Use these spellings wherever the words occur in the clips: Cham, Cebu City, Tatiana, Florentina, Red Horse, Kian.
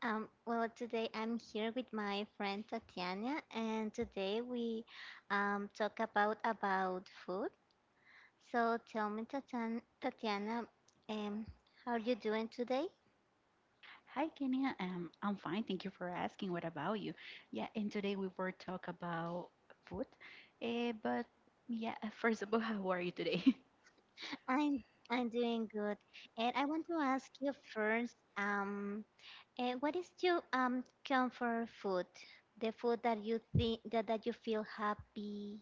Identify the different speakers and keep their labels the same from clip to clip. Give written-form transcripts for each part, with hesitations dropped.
Speaker 1: Well, today I'm here with my friend Tatiana, and today we talk about food. So tell me, Tatiana, um, how are you doing today?
Speaker 2: Hi, Kenya. I'm fine. Thank you for asking. What about you? Yeah, and today we will talk about food. But yeah, first of all, how are you today?
Speaker 1: I'm I'm doing good, and I want to ask you first, what is your comfort food? The food that you think that you feel happy?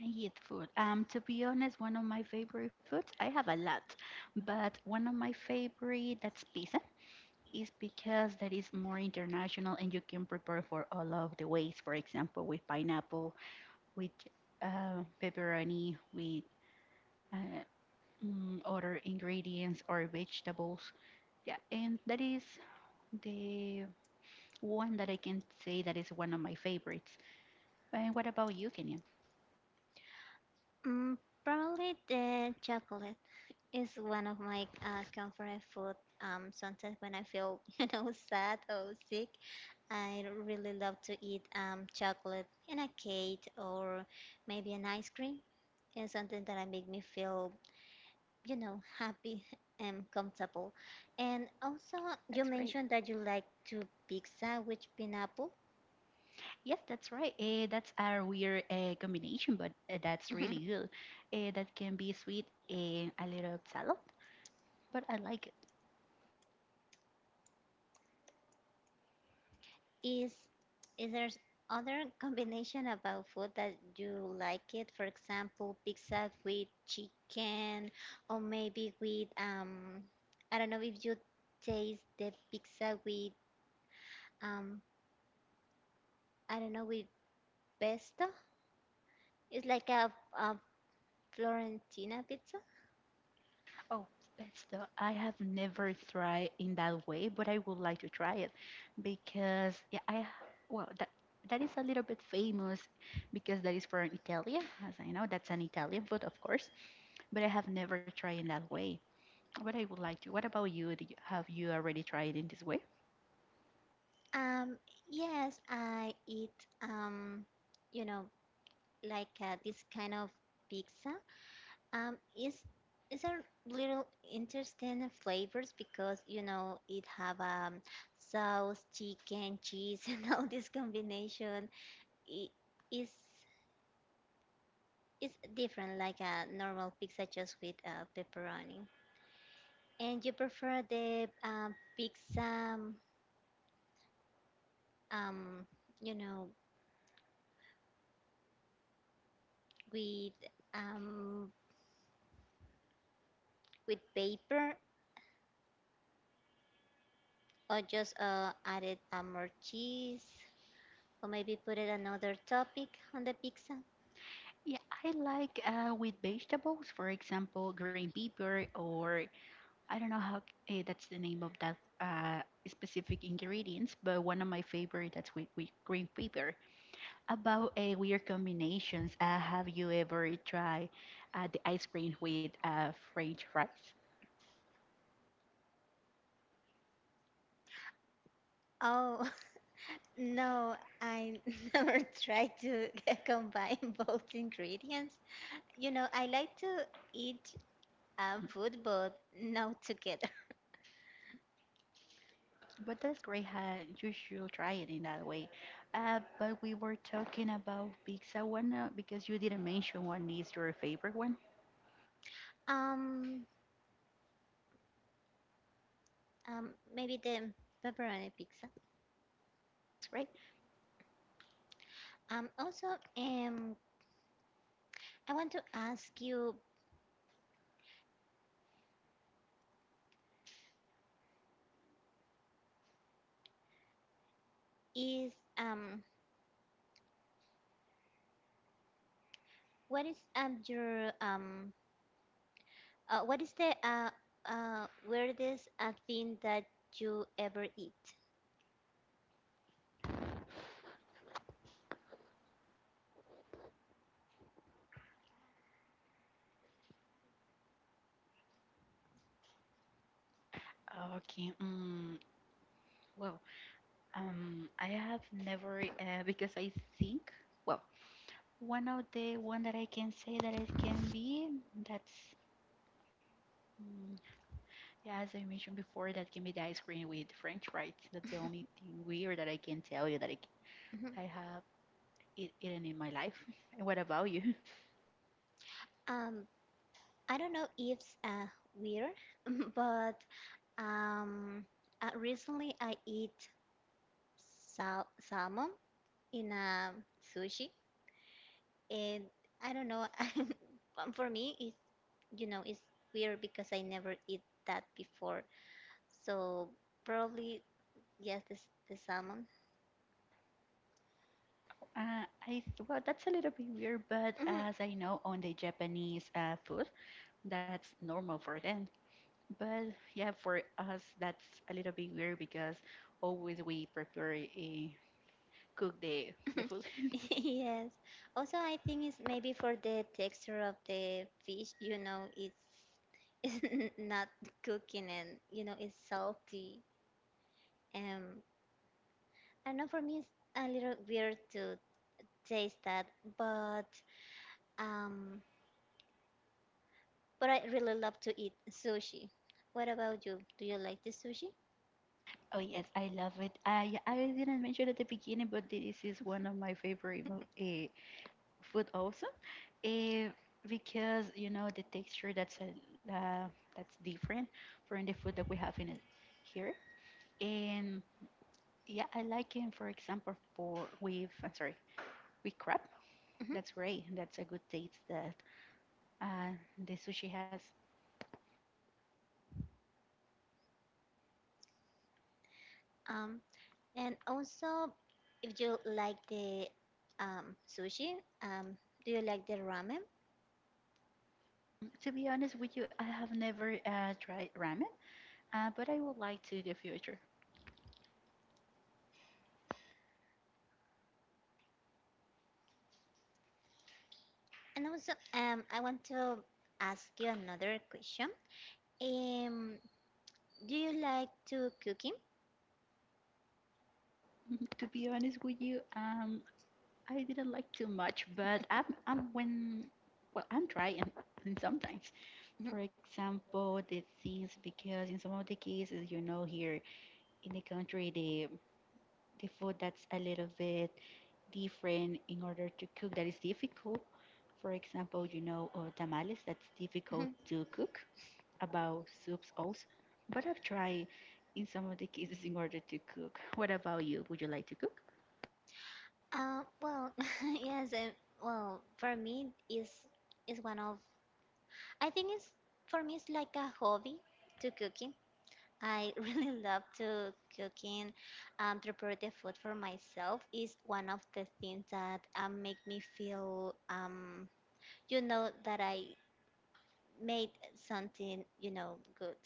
Speaker 2: I eat food. To be honest, one of my favorite foods, I have a lot, but one of my favorite that's pizza is because that is more international and you can prepare for all of the ways. For example, with pineapple, with pepperoni, with uh, other ingredients or vegetables. Yeah, and that is the one that I can say that is one of my favorites. And what about you, Kenyon?
Speaker 1: Mm, probably the chocolate. It's one of my comfort food. Sometimes when I feel, sad or sick, I really love to eat chocolate and a cake or maybe an ice cream. It's something that I make me feel, happy and comfortable. And also, you
Speaker 2: That's great.
Speaker 1: mentioned that you like to pizza with pineapple.
Speaker 2: Yes, that's right. That's a weird combination, but that's really good. That can be sweet and a little salad, but I like it.
Speaker 1: Is is there other combination about food that you like it? For example, pizza with chicken, or maybe with I don't know if you taste the pizza with um, I don't know with pesto. It's like a Florentina pizza.
Speaker 2: Oh, pesto. I have never tried in that way, but I would like to try it because yeah, I well, that is a little bit famous because that is from Italy, as I know that's an Italian food, of course. But I have never tried in that way. But I would like to. What about you? Did you Have you already tried in this way?
Speaker 1: Um, yes, I eat um, you know, like this kind of pizza. Um, is is a little interesting flavors because you know it have sauce, chicken, cheese, and all this combination. It is it's different like a normal pizza just with pepperoni. And you prefer the pizza um you know with um with paper or just added more cheese or maybe put it another topic on the pizza.
Speaker 2: Yeah, I like with vegetables, for example, green pepper, or I don't know how that's the name of that specific ingredients, but one of my favorite that's with green pepper. About weird combinations, have you ever tried the ice cream with French fries?
Speaker 1: Oh, no, I never try to combine both ingredients. You know, I like to eat food, but not together.
Speaker 2: But that's great. You should try it in that way. But we were talking about pizza one because you didn't mention one is your favorite one.
Speaker 1: Um, maybe the pepperoni pizza.
Speaker 2: That's great.
Speaker 1: Also, um, I want to ask you is um, what is your what is the weirdest thing that you ever eat?
Speaker 2: Okay. Well, I have never because I think well one of the one that I can say that it can be that's mm, yeah, as I mentioned before that can be the ice cream with French fries. That's the only thing weird that I can tell you that I,
Speaker 1: Mhm.
Speaker 2: I have eaten in my life. And what about you?
Speaker 1: Um, I don't know if it's weird, but um, recently I eat salmon in a sushi, and I don't know. For me, it's you know it's weird because I never eat that before. So probably yes, this the salmon.
Speaker 2: Well, that's a little bit weird, but
Speaker 1: Mhm.
Speaker 2: as I know on the Japanese food, that's normal for them. But yeah, for us, that's a little bit weird because always we prepare a cook the food.
Speaker 1: Yes. Also, I think it's maybe for the texture of the fish, you know, it's it's not cooking and, you know, it's salty. Um, I don't know, for me it's a little weird to taste that, but um, but I really love to eat sushi. What about you? Do you like the sushi?
Speaker 2: Oh yes, I love it. I didn't mention at the beginning, but this is one of my favorite food also, eh, because you know the texture that's a uh, that's different from the food that we have in it here. Yeah, I like him, for example, for with I'm sorry, with crab.
Speaker 1: Hmm.
Speaker 2: That's great. That's a good taste that the sushi has.
Speaker 1: Um, and also, if you like the sushi, um, do you like the ramen?
Speaker 2: To be honest with you, I have never tried ramen, but I would like to in the future.
Speaker 1: And also, I want to ask you another question. Um, do you like to cooking?
Speaker 2: To be honest with you, I didn't like too much, but I'm trying and sometimes. For example, the things because in some of the cases, here in the country, the food that's a little bit different in order to cook that is difficult. For example, tamales, that's difficult to cook, about soups also. But I've tried in some of the cases in order to cook. What about you? Would you like to cook?
Speaker 1: Well, yes. For me, is one of. I think it's for me. It's like a hobby to cooking. I really love to cooking. Prepare the food for myself is one of the things that make me feel you know, that I made something, you know, good.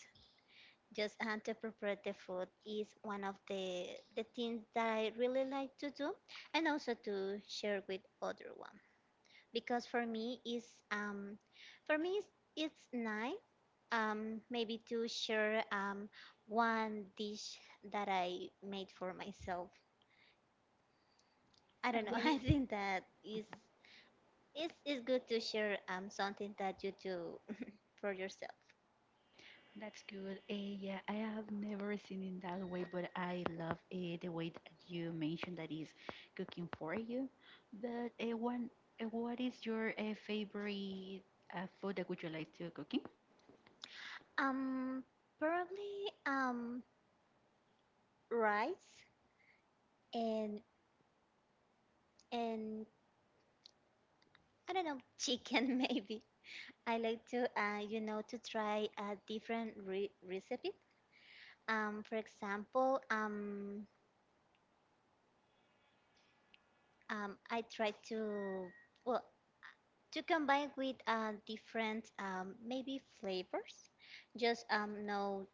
Speaker 1: Just to prepare the food is one of the things that I really like to do, and also to share with other one because for me is um for me it's nice maybe to share one dish that I made for myself. I
Speaker 2: And
Speaker 1: don't know.
Speaker 2: what
Speaker 1: I
Speaker 2: is
Speaker 1: think that is it's good to share something that you do for yourself.
Speaker 2: that's good. Yeah, I have never seen it that way, but I love the way that you mentioned that is cooking for you. But what is your favorite food that would you like to cook in?
Speaker 1: Um, probably rice and and I don't know, chicken maybe. I like to, you know, to try a different recipe. For example, I try to, well, to combine with different, maybe flavors. Just no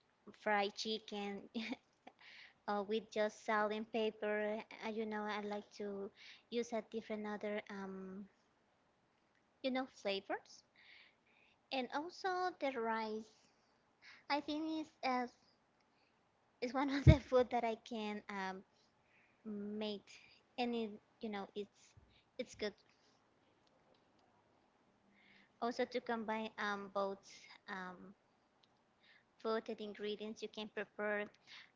Speaker 1: fried chicken with just salt and pepper. You know, I like to use a different other, you know, flavors. And also the rice. I think it's it's one of the food that I can make, and it, you know it's good. Also to combine both um, food and ingredients, you can prepare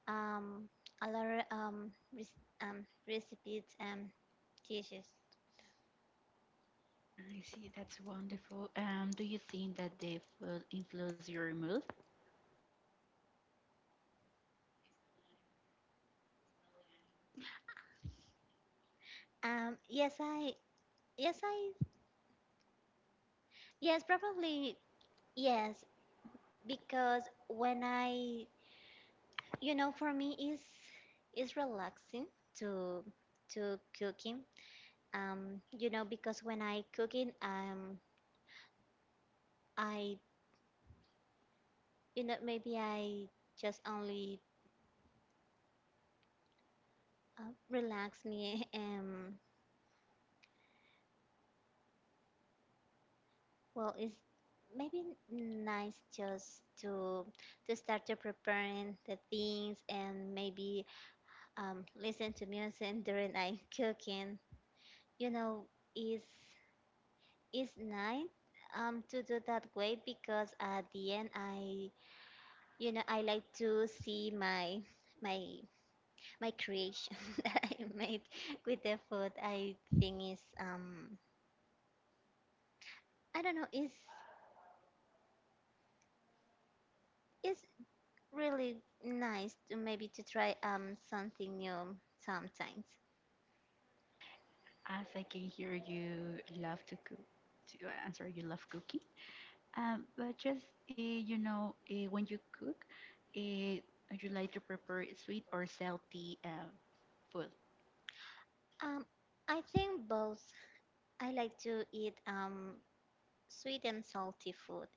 Speaker 1: um, a lot of recipes and dishes.
Speaker 2: I see, that's wonderful. Do you think that the food influence your mood?
Speaker 1: Um, yes, I yes I yes, probably yes because when I you know for me is relaxing to cooking you know because when I cooking I you know maybe I just only relax me and well it's maybe nice just to start to preparing the things and maybe listen to music during I cooking you know is is nice to do that way because at the end I you know I like to see my my my creation that I made with the food, I think is I don't know is really nice to maybe to try something new sometimes.
Speaker 2: As I can hear you love to cook, to answer you love cooking. But just when you cook, uh, you like to prepare sweet or salty food,
Speaker 1: Um, I think both. I like to eat sweet and salty food.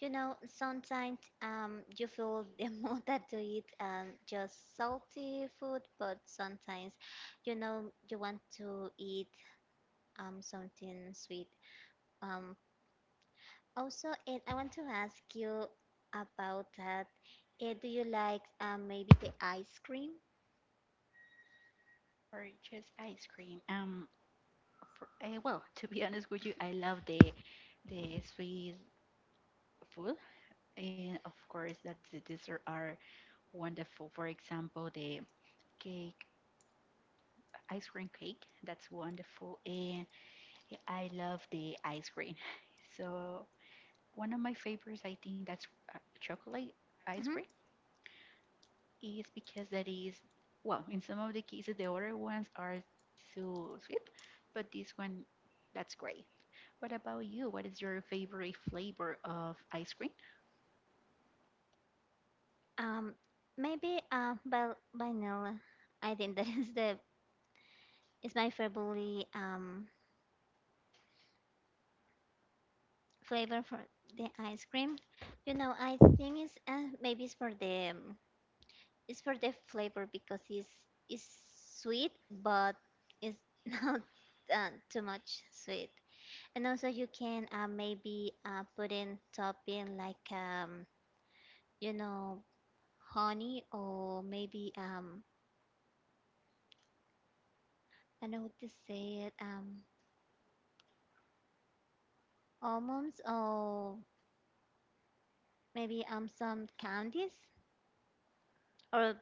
Speaker 1: You know, sometimes you feel the mood that to eat just salty food, but sometimes you know you want to eat something sweet um Also, Ed, I want to ask you about that. Ed, do you like maybe the ice cream?
Speaker 2: or just ice cream. Well, to be honest with you, I love the sweet food, and of course that the dessert are wonderful. For example, the cake ice cream cake. That's wonderful. And I love the ice cream. So, one of my favorites, I think that's chocolate ice
Speaker 1: Hmm.
Speaker 2: cream, is because that is, well, in some of the cases, the other ones are so sweet, but this one, that's great. What about you? What is your favorite flavor of ice cream?
Speaker 1: Um, maybe vanilla. I think that is the is my favorite flavor for the ice cream. You know, I think it's maybe it's for the flavor because it's sweet, but it's not too much sweet. And also, you can maybe put in topping like you know, honey or maybe I don't know what to say it almonds or maybe some candies or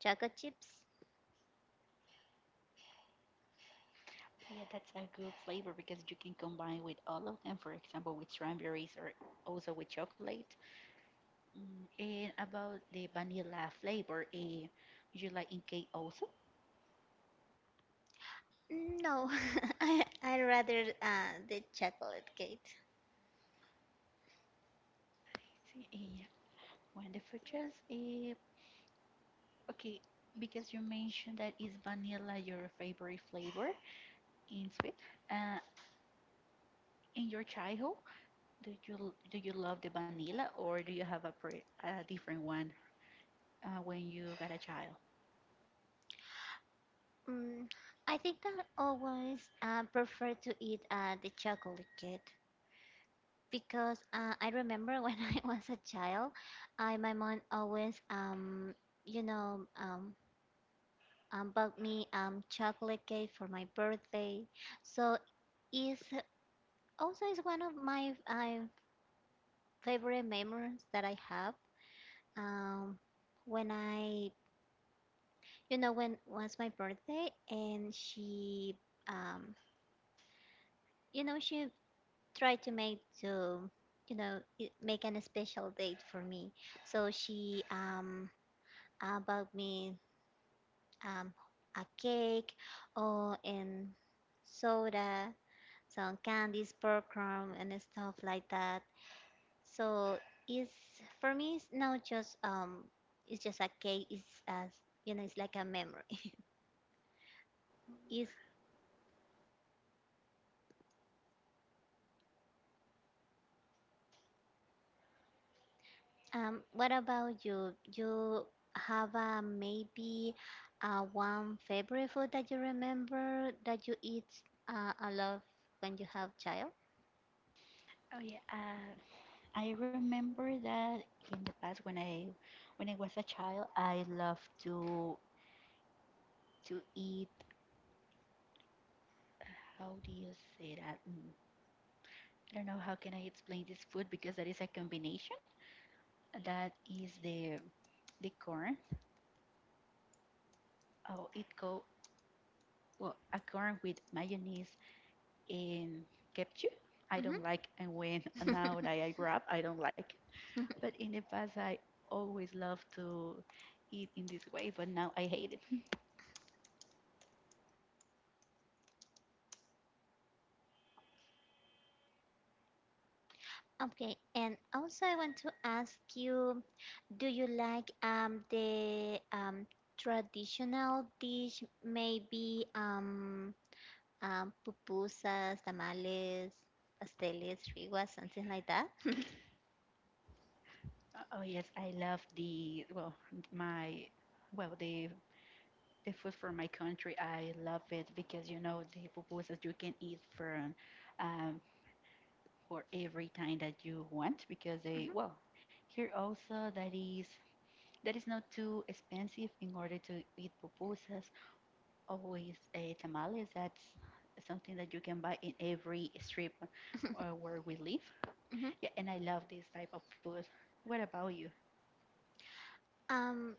Speaker 1: chocolate chips.
Speaker 2: Yeah, that's a good flavor because you can combine with all of them, for example, with strawberries or also with chocolate. And about the vanilla flavor, would you like in cake also?
Speaker 1: No, I rather the chocolate cake.
Speaker 2: See, wonderful choice. Okay, because you mentioned that is vanilla your favorite flavor in sweet. Uh, in your childhood, do you love the vanilla or do you have a different one when you got a child?
Speaker 1: Mm, I think I always prefer to eat the chocolate cake. Because I remember when I was a child, I my mom always you know bought me chocolate cake for my birthday, so it's also is one of my favorite memories that I have. Um, when I you know when was my birthday and she um you know she tried to make to you know make an special date for me so she about me um, a cake or and soda, some candies, popcorn, and stuff like that. So it's for me, it's not just it's just a cake. It's as you know, it's like a memory. Is what about you? You have a maybe one favorite food that you remember that you eat a lot when you have child?
Speaker 2: Oh yeah, I remember that in the past when I was a child, I loved to eat how do you say that? I don't know how can I explain this food because that is a combination. That is the corn. Oh, it go well a corn with mayonnaise and ketchup. I don't like and when now that
Speaker 1: Hmm.
Speaker 2: I grow up, I don't like it. But in the past, I always loved to eat in this way, but now I hate it.
Speaker 1: Okay, and also I want to ask you, do you like the traditional dish, maybe pupusas, tamales, pasteles, riguas, something like that?
Speaker 2: Oh yes, I love the well my well the food from my country. I love it because you know the pupusas you can eat from um, for every time that you want because they
Speaker 1: Mhm,
Speaker 2: well, here also that is not too expensive in order to eat pupusas. Always tamales. That's something that you can buy in every strip where we live.
Speaker 1: mhm.
Speaker 2: Yeah, and I love this type of food. What about you?
Speaker 1: Um,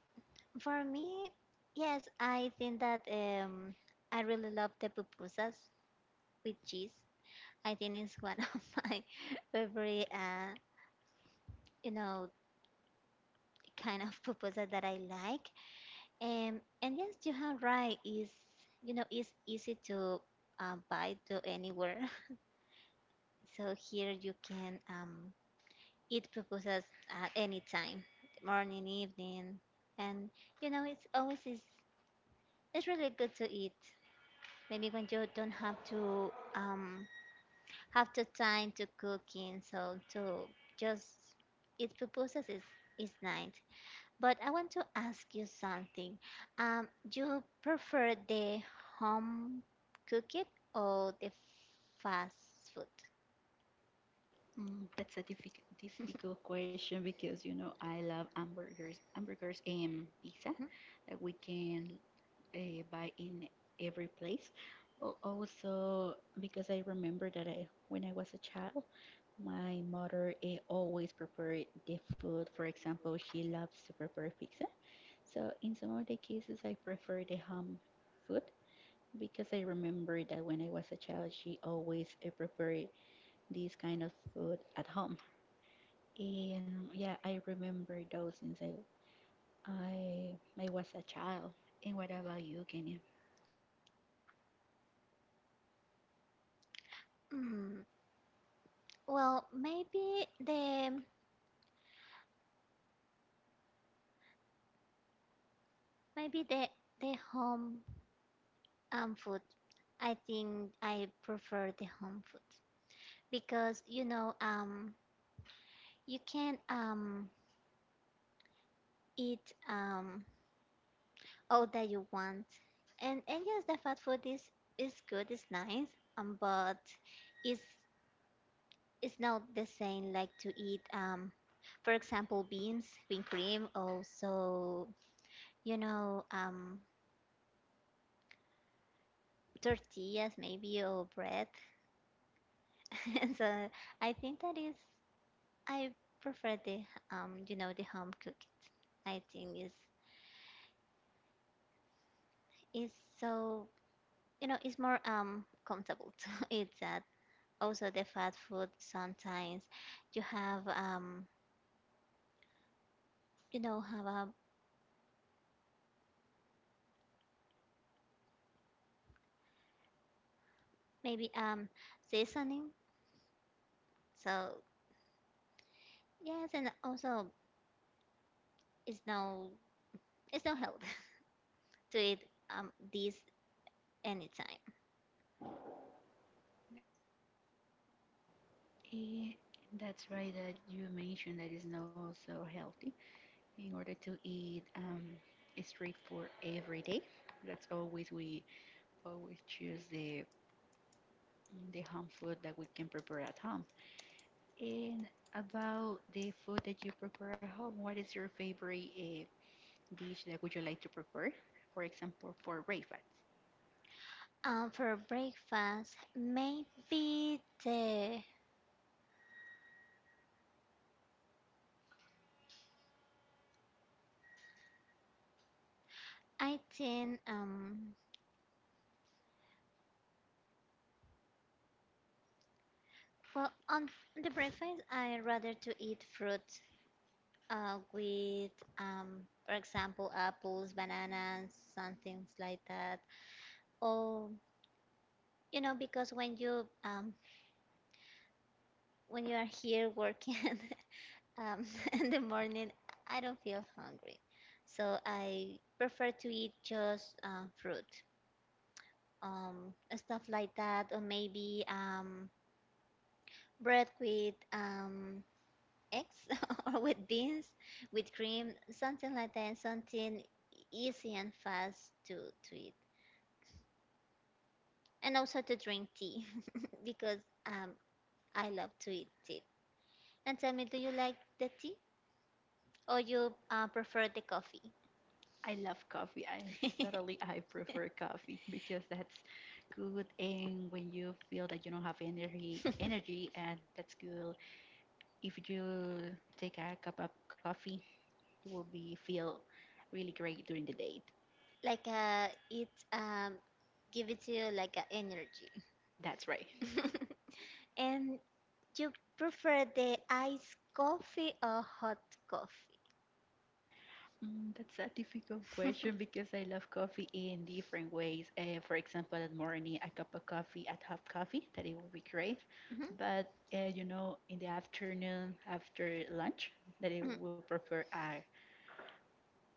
Speaker 1: for me, yes, I think that I really love the pupusas with cheese. I think it's one of my favorite you know kind of pupusa that I like. And yes, you are right. Is you know, it's easy to buy to anywhere. So here you can eat pupusas at any time, morning, evening, and you know, it's always is it's really good to eat. Maybe when you don't have to have the time to cooking, so to just eat pupusas is nice. But I want to ask you something. Do you prefer the home cooked or the fast food?
Speaker 2: That's a difficult question because you know I love hamburgers, and pizza
Speaker 1: Mhm.
Speaker 2: that we can buy in every place. But also because I remember that when I was a child, my mother always prepared the food. For example, she loves to prepare pizza. So in some of the cases, I prefer the home food because I remember that when I was a child, she always prepared this kind of food at home. And yeah, I remember those since I was a child. And what about you, Kenya?
Speaker 1: Mm, Well, maybe the home food. I think I prefer the home food because you know you can eat all that you want and yes the fast food is good it's nice but it's it's not the same like to eat for example beans bean cream also you know tortillas maybe or bread and so I think that is I prefer the you know the home cook I think is so you know it's more comfortable to eat that also the fast food sometimes you have you know have a maybe seasoning so yes and also is no it's no help to eat this anytime.
Speaker 2: Eh, that's right that you mentioned that it's not so healthy in order to eat street food every day. That's always we always choose the home food that we can prepare at home. And about the food that you prepare at home, what is your favorite dish that would you like to prepare? For example, for breakfast.
Speaker 1: For breakfast, maybe the I think well on the breakfast I rather to eat fruit with for example apples, bananas, some things like that. Or you know because when you are here working Um, in the morning, I don't feel hungry, so I prefer to eat just fruit, stuff like that, or maybe bread with eggs or with beans, with cream, something like that, something easy and fast to eat, and also to drink tea because um, I love to eat tea. And tell me, do you like the tea or you prefer the coffee?
Speaker 2: I love coffee. I prefer coffee because that's good and when you feel that you don't have energy energy and that's good. If you take a cup of coffee, you will be feel really great during the day.
Speaker 1: Like it give it to you like energy.
Speaker 2: That's right.
Speaker 1: And you prefer the iced coffee or hot coffee?
Speaker 2: That's a difficult question because I love coffee in different ways. For example, at morning, a cup of coffee, a hot coffee, that it will be great.
Speaker 1: Mhm.
Speaker 2: But in the afternoon after lunch, that I
Speaker 1: Mm,
Speaker 2: will prefer a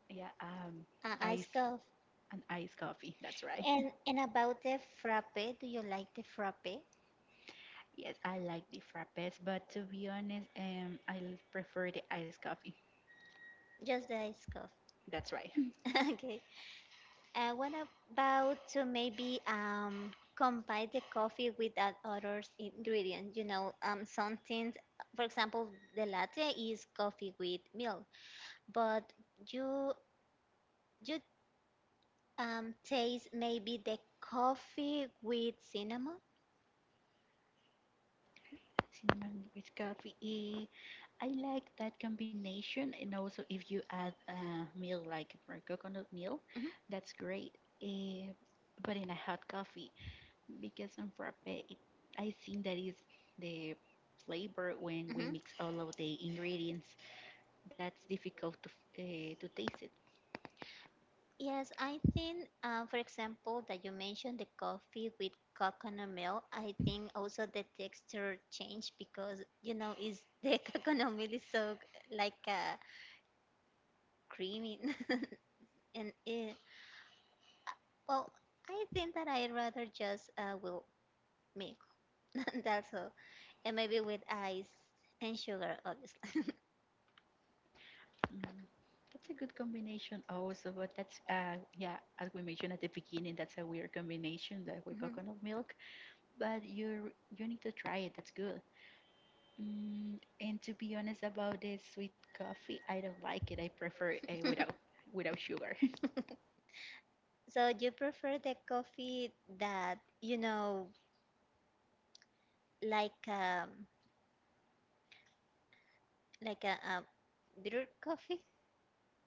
Speaker 2: yeah, ice
Speaker 1: iced coffee.
Speaker 2: iced coffee. That's right.
Speaker 1: And about the frappe, do you like the frappe?
Speaker 2: Yes, I like the frappes, but to be honest, prefer the iced coffee.
Speaker 1: Just the iced coffee.
Speaker 2: That's right.
Speaker 1: Okay. What about to maybe combine the coffee with that other ingredient? You know, something. For example, the latte is coffee with milk. But you you taste maybe the coffee with cinnamon?
Speaker 2: Cinnamon with coffee. I like that combination, and also if you add a milk, like, for coconut milk,
Speaker 1: Hmm,
Speaker 2: that's great. eh, but in a hot coffee, because on frappe, I think that is the flavor when we
Speaker 1: hmm.
Speaker 2: mix all of the ingredients. That's difficult to to taste it.
Speaker 1: Yes, I think for example that you mentioned the coffee with coconut milk. I think also the texture changed because you know is the coconut milk is so like creamy and it, well, I think that I rather just will milk. That's all, and maybe with ice and sugar, obviously.
Speaker 2: Mm, That's a good combination also, but that's yeah, as we mentioned at the beginning, that's a weird combination that with coconut milk, but you need to try it. That's good. And to be honest about this sweet coffee, I don't like it. I prefer without sugar.
Speaker 1: So you prefer the coffee that you know, like like a bitter coffee?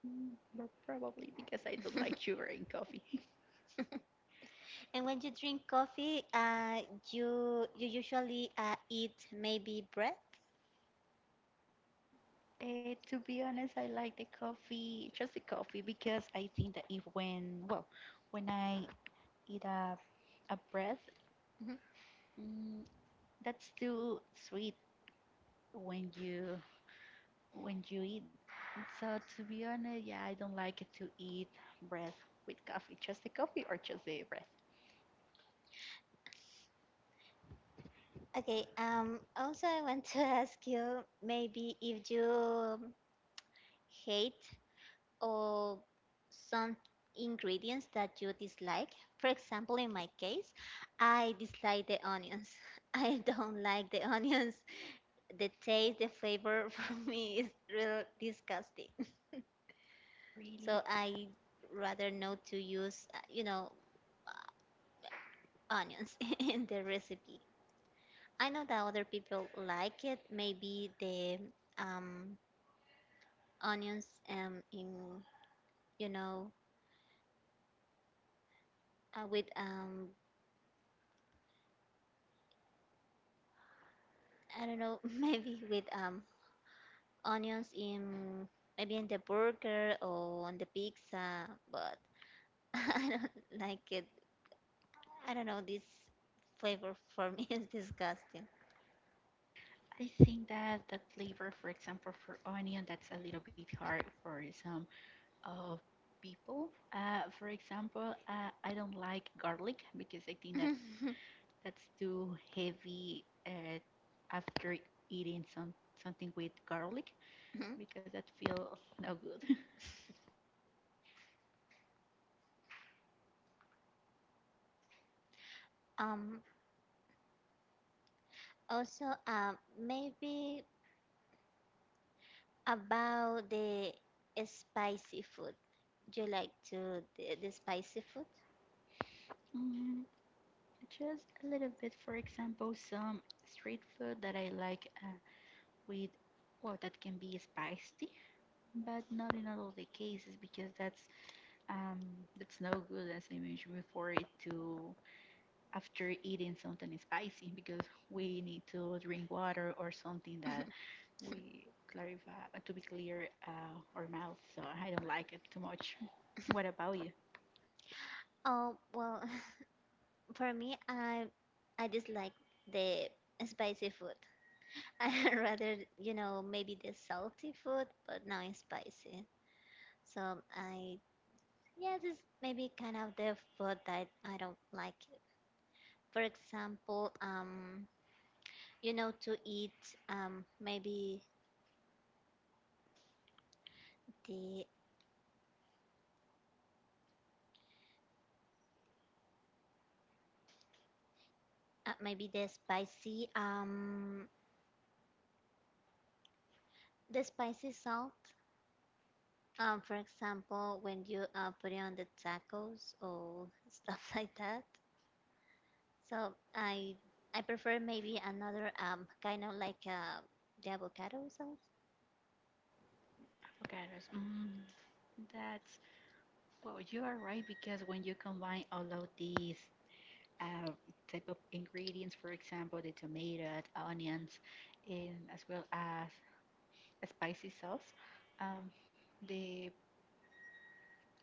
Speaker 2: But probably because I don't like sugar in coffee.
Speaker 1: And when you drink coffee, you usually eat maybe bread.
Speaker 2: To be honest, I like the coffee, just the coffee, because I think that if when well, when I eat a bread.
Speaker 1: Mhm.
Speaker 2: Mm, That's too sweet when you eat. So to be honest, yeah, I don't like it to eat bread with coffee, just the coffee or just the bread.
Speaker 1: Okay. Also, I want to ask you maybe if you hate or some ingredients that you dislike. For example, in my case, I dislike the onions. I don't like the onions. The taste, the flavor for me is real disgusting.
Speaker 2: Really,
Speaker 1: So I rather not to use, you know, onions in the recipe. I know that other people like it. Maybe the um, onions in, you know, with I don't know, maybe with onions in maybe in the burger or on the pizza, but I don't like it. I don't know, this flavor for me is disgusting.
Speaker 2: I think that that flavor, for example, for onion, that's a little bit hard for some uh, people. For example, I don't like garlic because I think that that's too heavy after eating something with garlic because that feel no good.
Speaker 1: Um, also, maybe about the spicy food. Do you like to the spicy food?
Speaker 2: Mm, just a little bit, for example, some street food that I like with, well, that can be spicy, but not in all the cases because um that's no good, as I mentioned before, it to after eating something spicy because we need to drink water or something that we clarify to be clear our mouth. So I don't like it too much. What about you?
Speaker 1: Oh, well, for me, I dislike the spicy food. I rather, you know, maybe the salty food, but not spicy. So I, yeah, this is maybe kind of the food that I don't like. For example, you know, to eat um maybe the maybe the spicy salt. For example, when you put it on the tacos or stuff like that. So I prefer maybe another kind of like the avocado sauce.
Speaker 2: Avocados. Mm, that's Well, you are right because when you combine all of these uh, type of ingredients, for example, the tomatoes, onions, and as well as a spicy sauce, um, the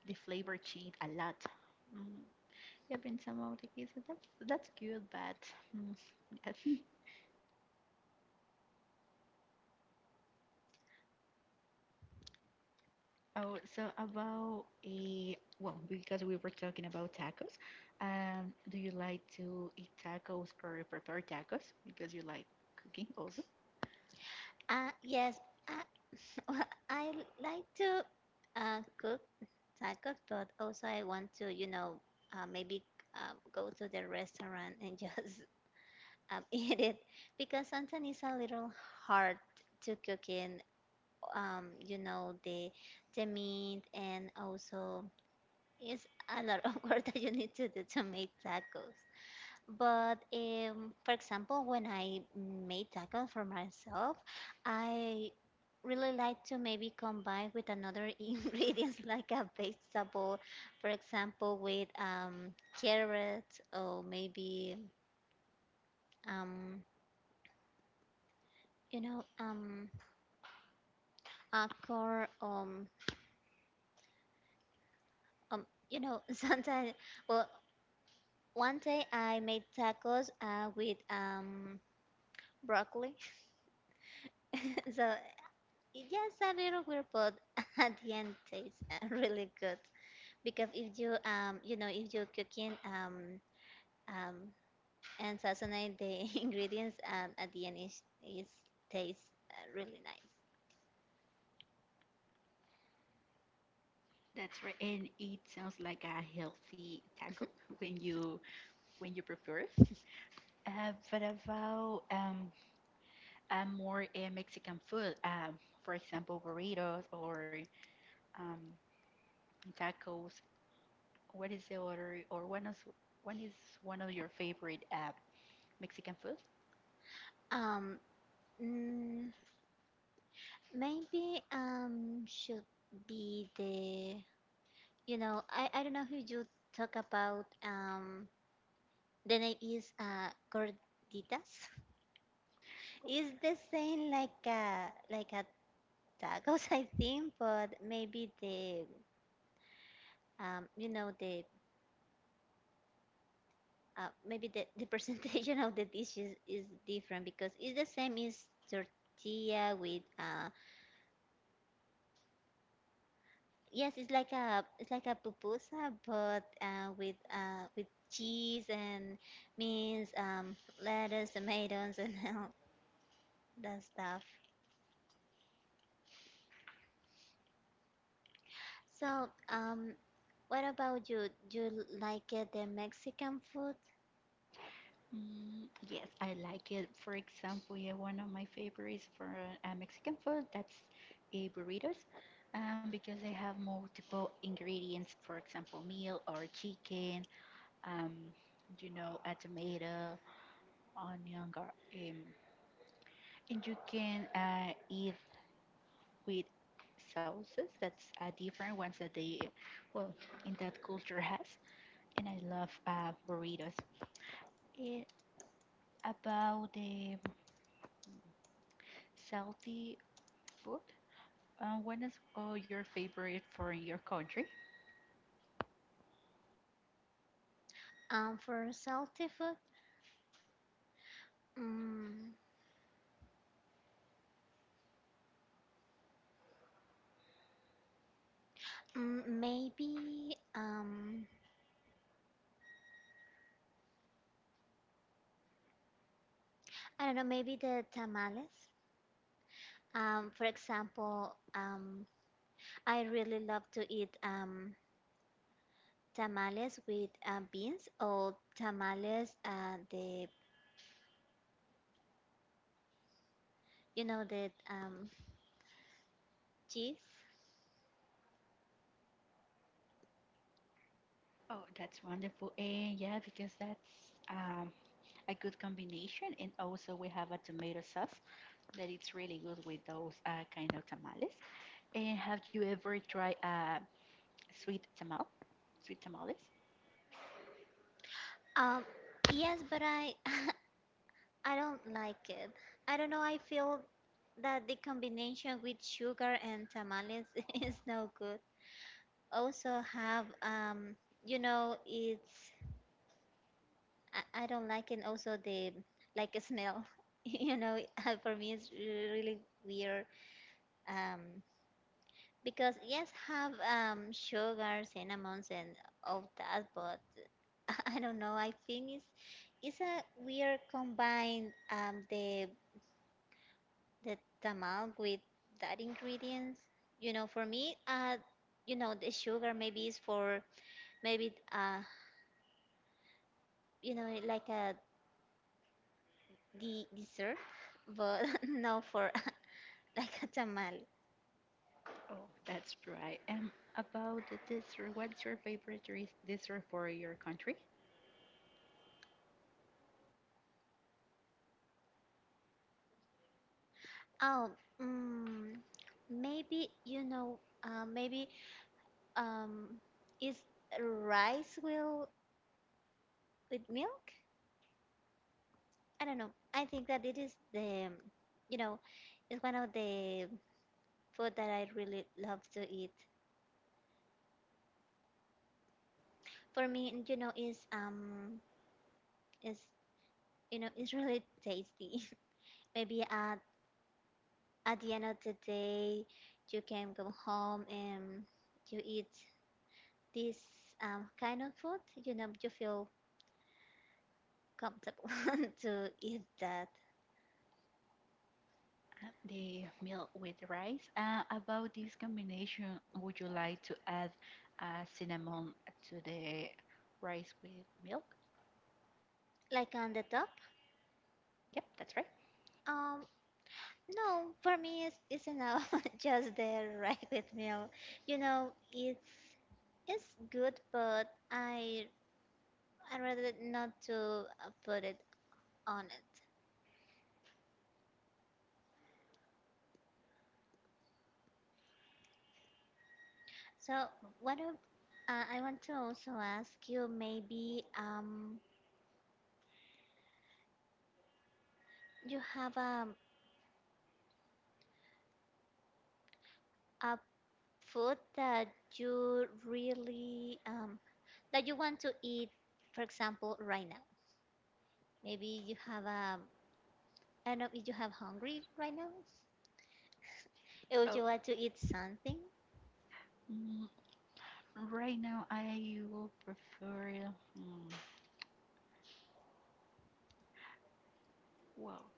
Speaker 2: the flavor changed a lot. Mm, yeah, in some of the cases, that's good, but mm, yes. Oh, so about a well, because we were talking about tacos, do you like to eat tacos or prepare tacos because you like cooking also?
Speaker 1: Uh, yes. Uh, well, I like to cook tacos, but also I want to you know maybe go to the restaurant and just eat it because sometimes it's a little hard to cook in you know the meat and also it's a lot of work that you need to do to make tacos. But for example, when I made tacos for myself, I really like to maybe combine with another ingredients like a vegetable, for example, with carrots or maybe um, you know acorn you know sometimes, well, one day I made tacos with broccoli, so yes, a little weird, but at the end tastes really good because if you you know if you cooking um and sazonate the ingredients at the end is tastes really nice.
Speaker 2: That's right. And it sounds like a healthy taco when you prepare it. But about more Mexican food, for example, burritos or um, tacos. What is the other, or one is one of your favorite Mexican food?
Speaker 1: Um, mm, maybe should be the you know I don't know who you talk about the name is gorditas. Is the same like a tacos, I think, but maybe the you know the maybe the presentation of the dishes is different because it's the same as tortilla with uh, yes, it's like a, it's like a pupusa but with cheese and beans, lettuce, tomatoes, and all that stuff. So what about you, do you like the Mexican food
Speaker 2: Yes, I like it. For example, yeah, one of my favorites for Mexican food, that's a burritos, because they have multiple ingredients. For example, meal or chicken, um, you know, a tomato, onion, and you can eat with sauces. That's different ones that they, well, in that culture has. And I love burritos. It about the salty food. What is your favorite for your country?
Speaker 1: for salty food? mm. Maybe, I don't know, maybe the tamales. For example, I really love to eat tamales with beans or tamales, the, you know, the cheese.
Speaker 2: Oh, that's wonderful. And yeah, because that's a good combination. And also, we have a tomato sauce that it's really good with those kind of tamales. And have you ever tried sweet tamal? Sweet tamales?
Speaker 1: Um, yes, but I, I don't like it. I don't know, I feel that the combination with sugar and tamales is no good. Also have, you know, it's I don't like, and also the like a smell, you know, for me it's really weird um because yes have sugar, cinnamons, and all that, but I don't know, I think it's a weird combine the tamal with that ingredients, you know, for me you know the sugar maybe is for maybe you know like a the dessert but no for like a tamal.
Speaker 2: Oh, that's right. About the dessert, what's your favorite dessert for your country?
Speaker 1: Oh, mm, maybe you know, maybe um, is rice will with milk? I don't know. I think that it is the, you know, it's one of the food that I really love to eat. For me, and, you know, is you know, it's really tasty. maybe at the end of the day, you can go home and you eat this kind of food. You know, you feel comfortable to eat that.
Speaker 2: The milk with rice. About this combination, would you like to add cinnamon to the rice with milk?
Speaker 1: Like on the top?
Speaker 2: Yep, that's right.
Speaker 1: Um, no, for me it's enough. Just the right with meal. You know, it's good, but I rather not to put it on it. So what I want to also ask you, maybe you have a food that you really that you want to eat, for example, right now. Maybe you have a, I don't know, if you have hungry right now, or if
Speaker 2: So
Speaker 1: you want to eat something.
Speaker 2: mm, right now I will prefer mm, well,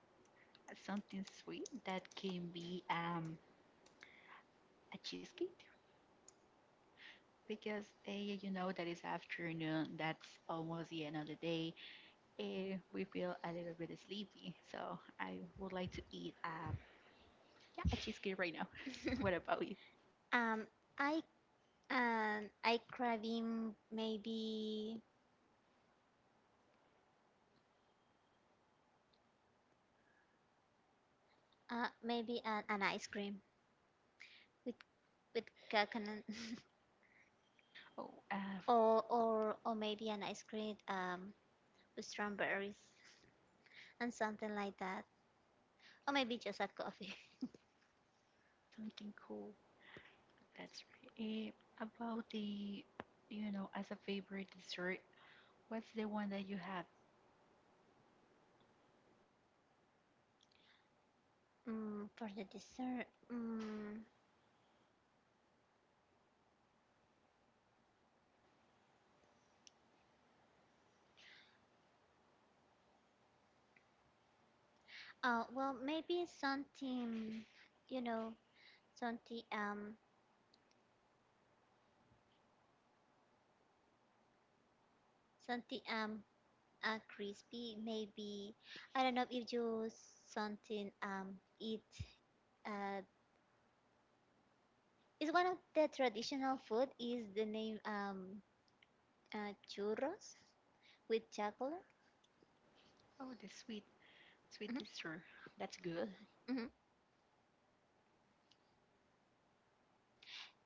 Speaker 2: something sweet that can be a cheesecake because you know that it's afternoon. That's almost the end of the day. We feel a little bit sleepy, so I would like to eat a. Yeah, she's good right now. What about you?
Speaker 1: um, I I craving maybe maybe an ice cream with with coconut,
Speaker 2: Oh,
Speaker 1: or or maybe an ice cream with strawberries and something like that, or maybe just a coffee.
Speaker 2: something cool. That's right. About the, as a favorite dessert, what's the one that you have?
Speaker 1: Mm, for the dessert, mm, well, maybe something, you know, something something crispy maybe. I don't know if you something eat uh it's one of the traditional food is the name churros with chocolate.
Speaker 2: Oh, the sweet, sweet
Speaker 1: Mhm,
Speaker 2: dessert. That's good.
Speaker 1: mhm.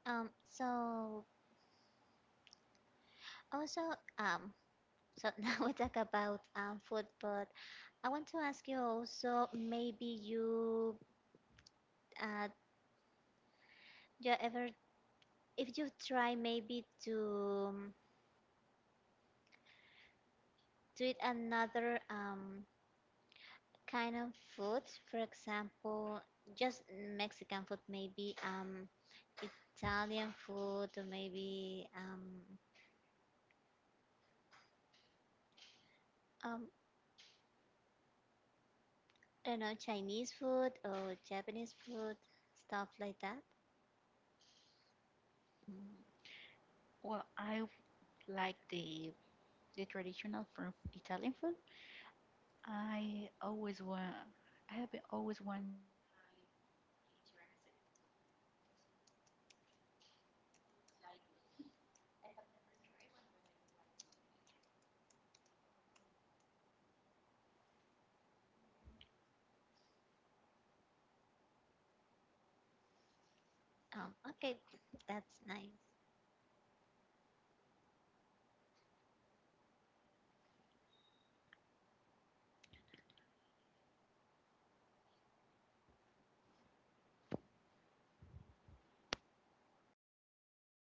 Speaker 1: So also um so now we talk about food but I want to ask you also maybe uh you ever if you try maybe to eat another kind of food. For example, just Mexican food, maybe Italian food, or maybe um, I don't know, Chinese food or Japanese food, stuff like that.
Speaker 2: Mm, Well, I like the traditional from Italian food. I always want, I have been always want to try a tiramisu because it looks like good. I have never tried one, but I would like to in the future. What about you?
Speaker 1: Okay, that's nice.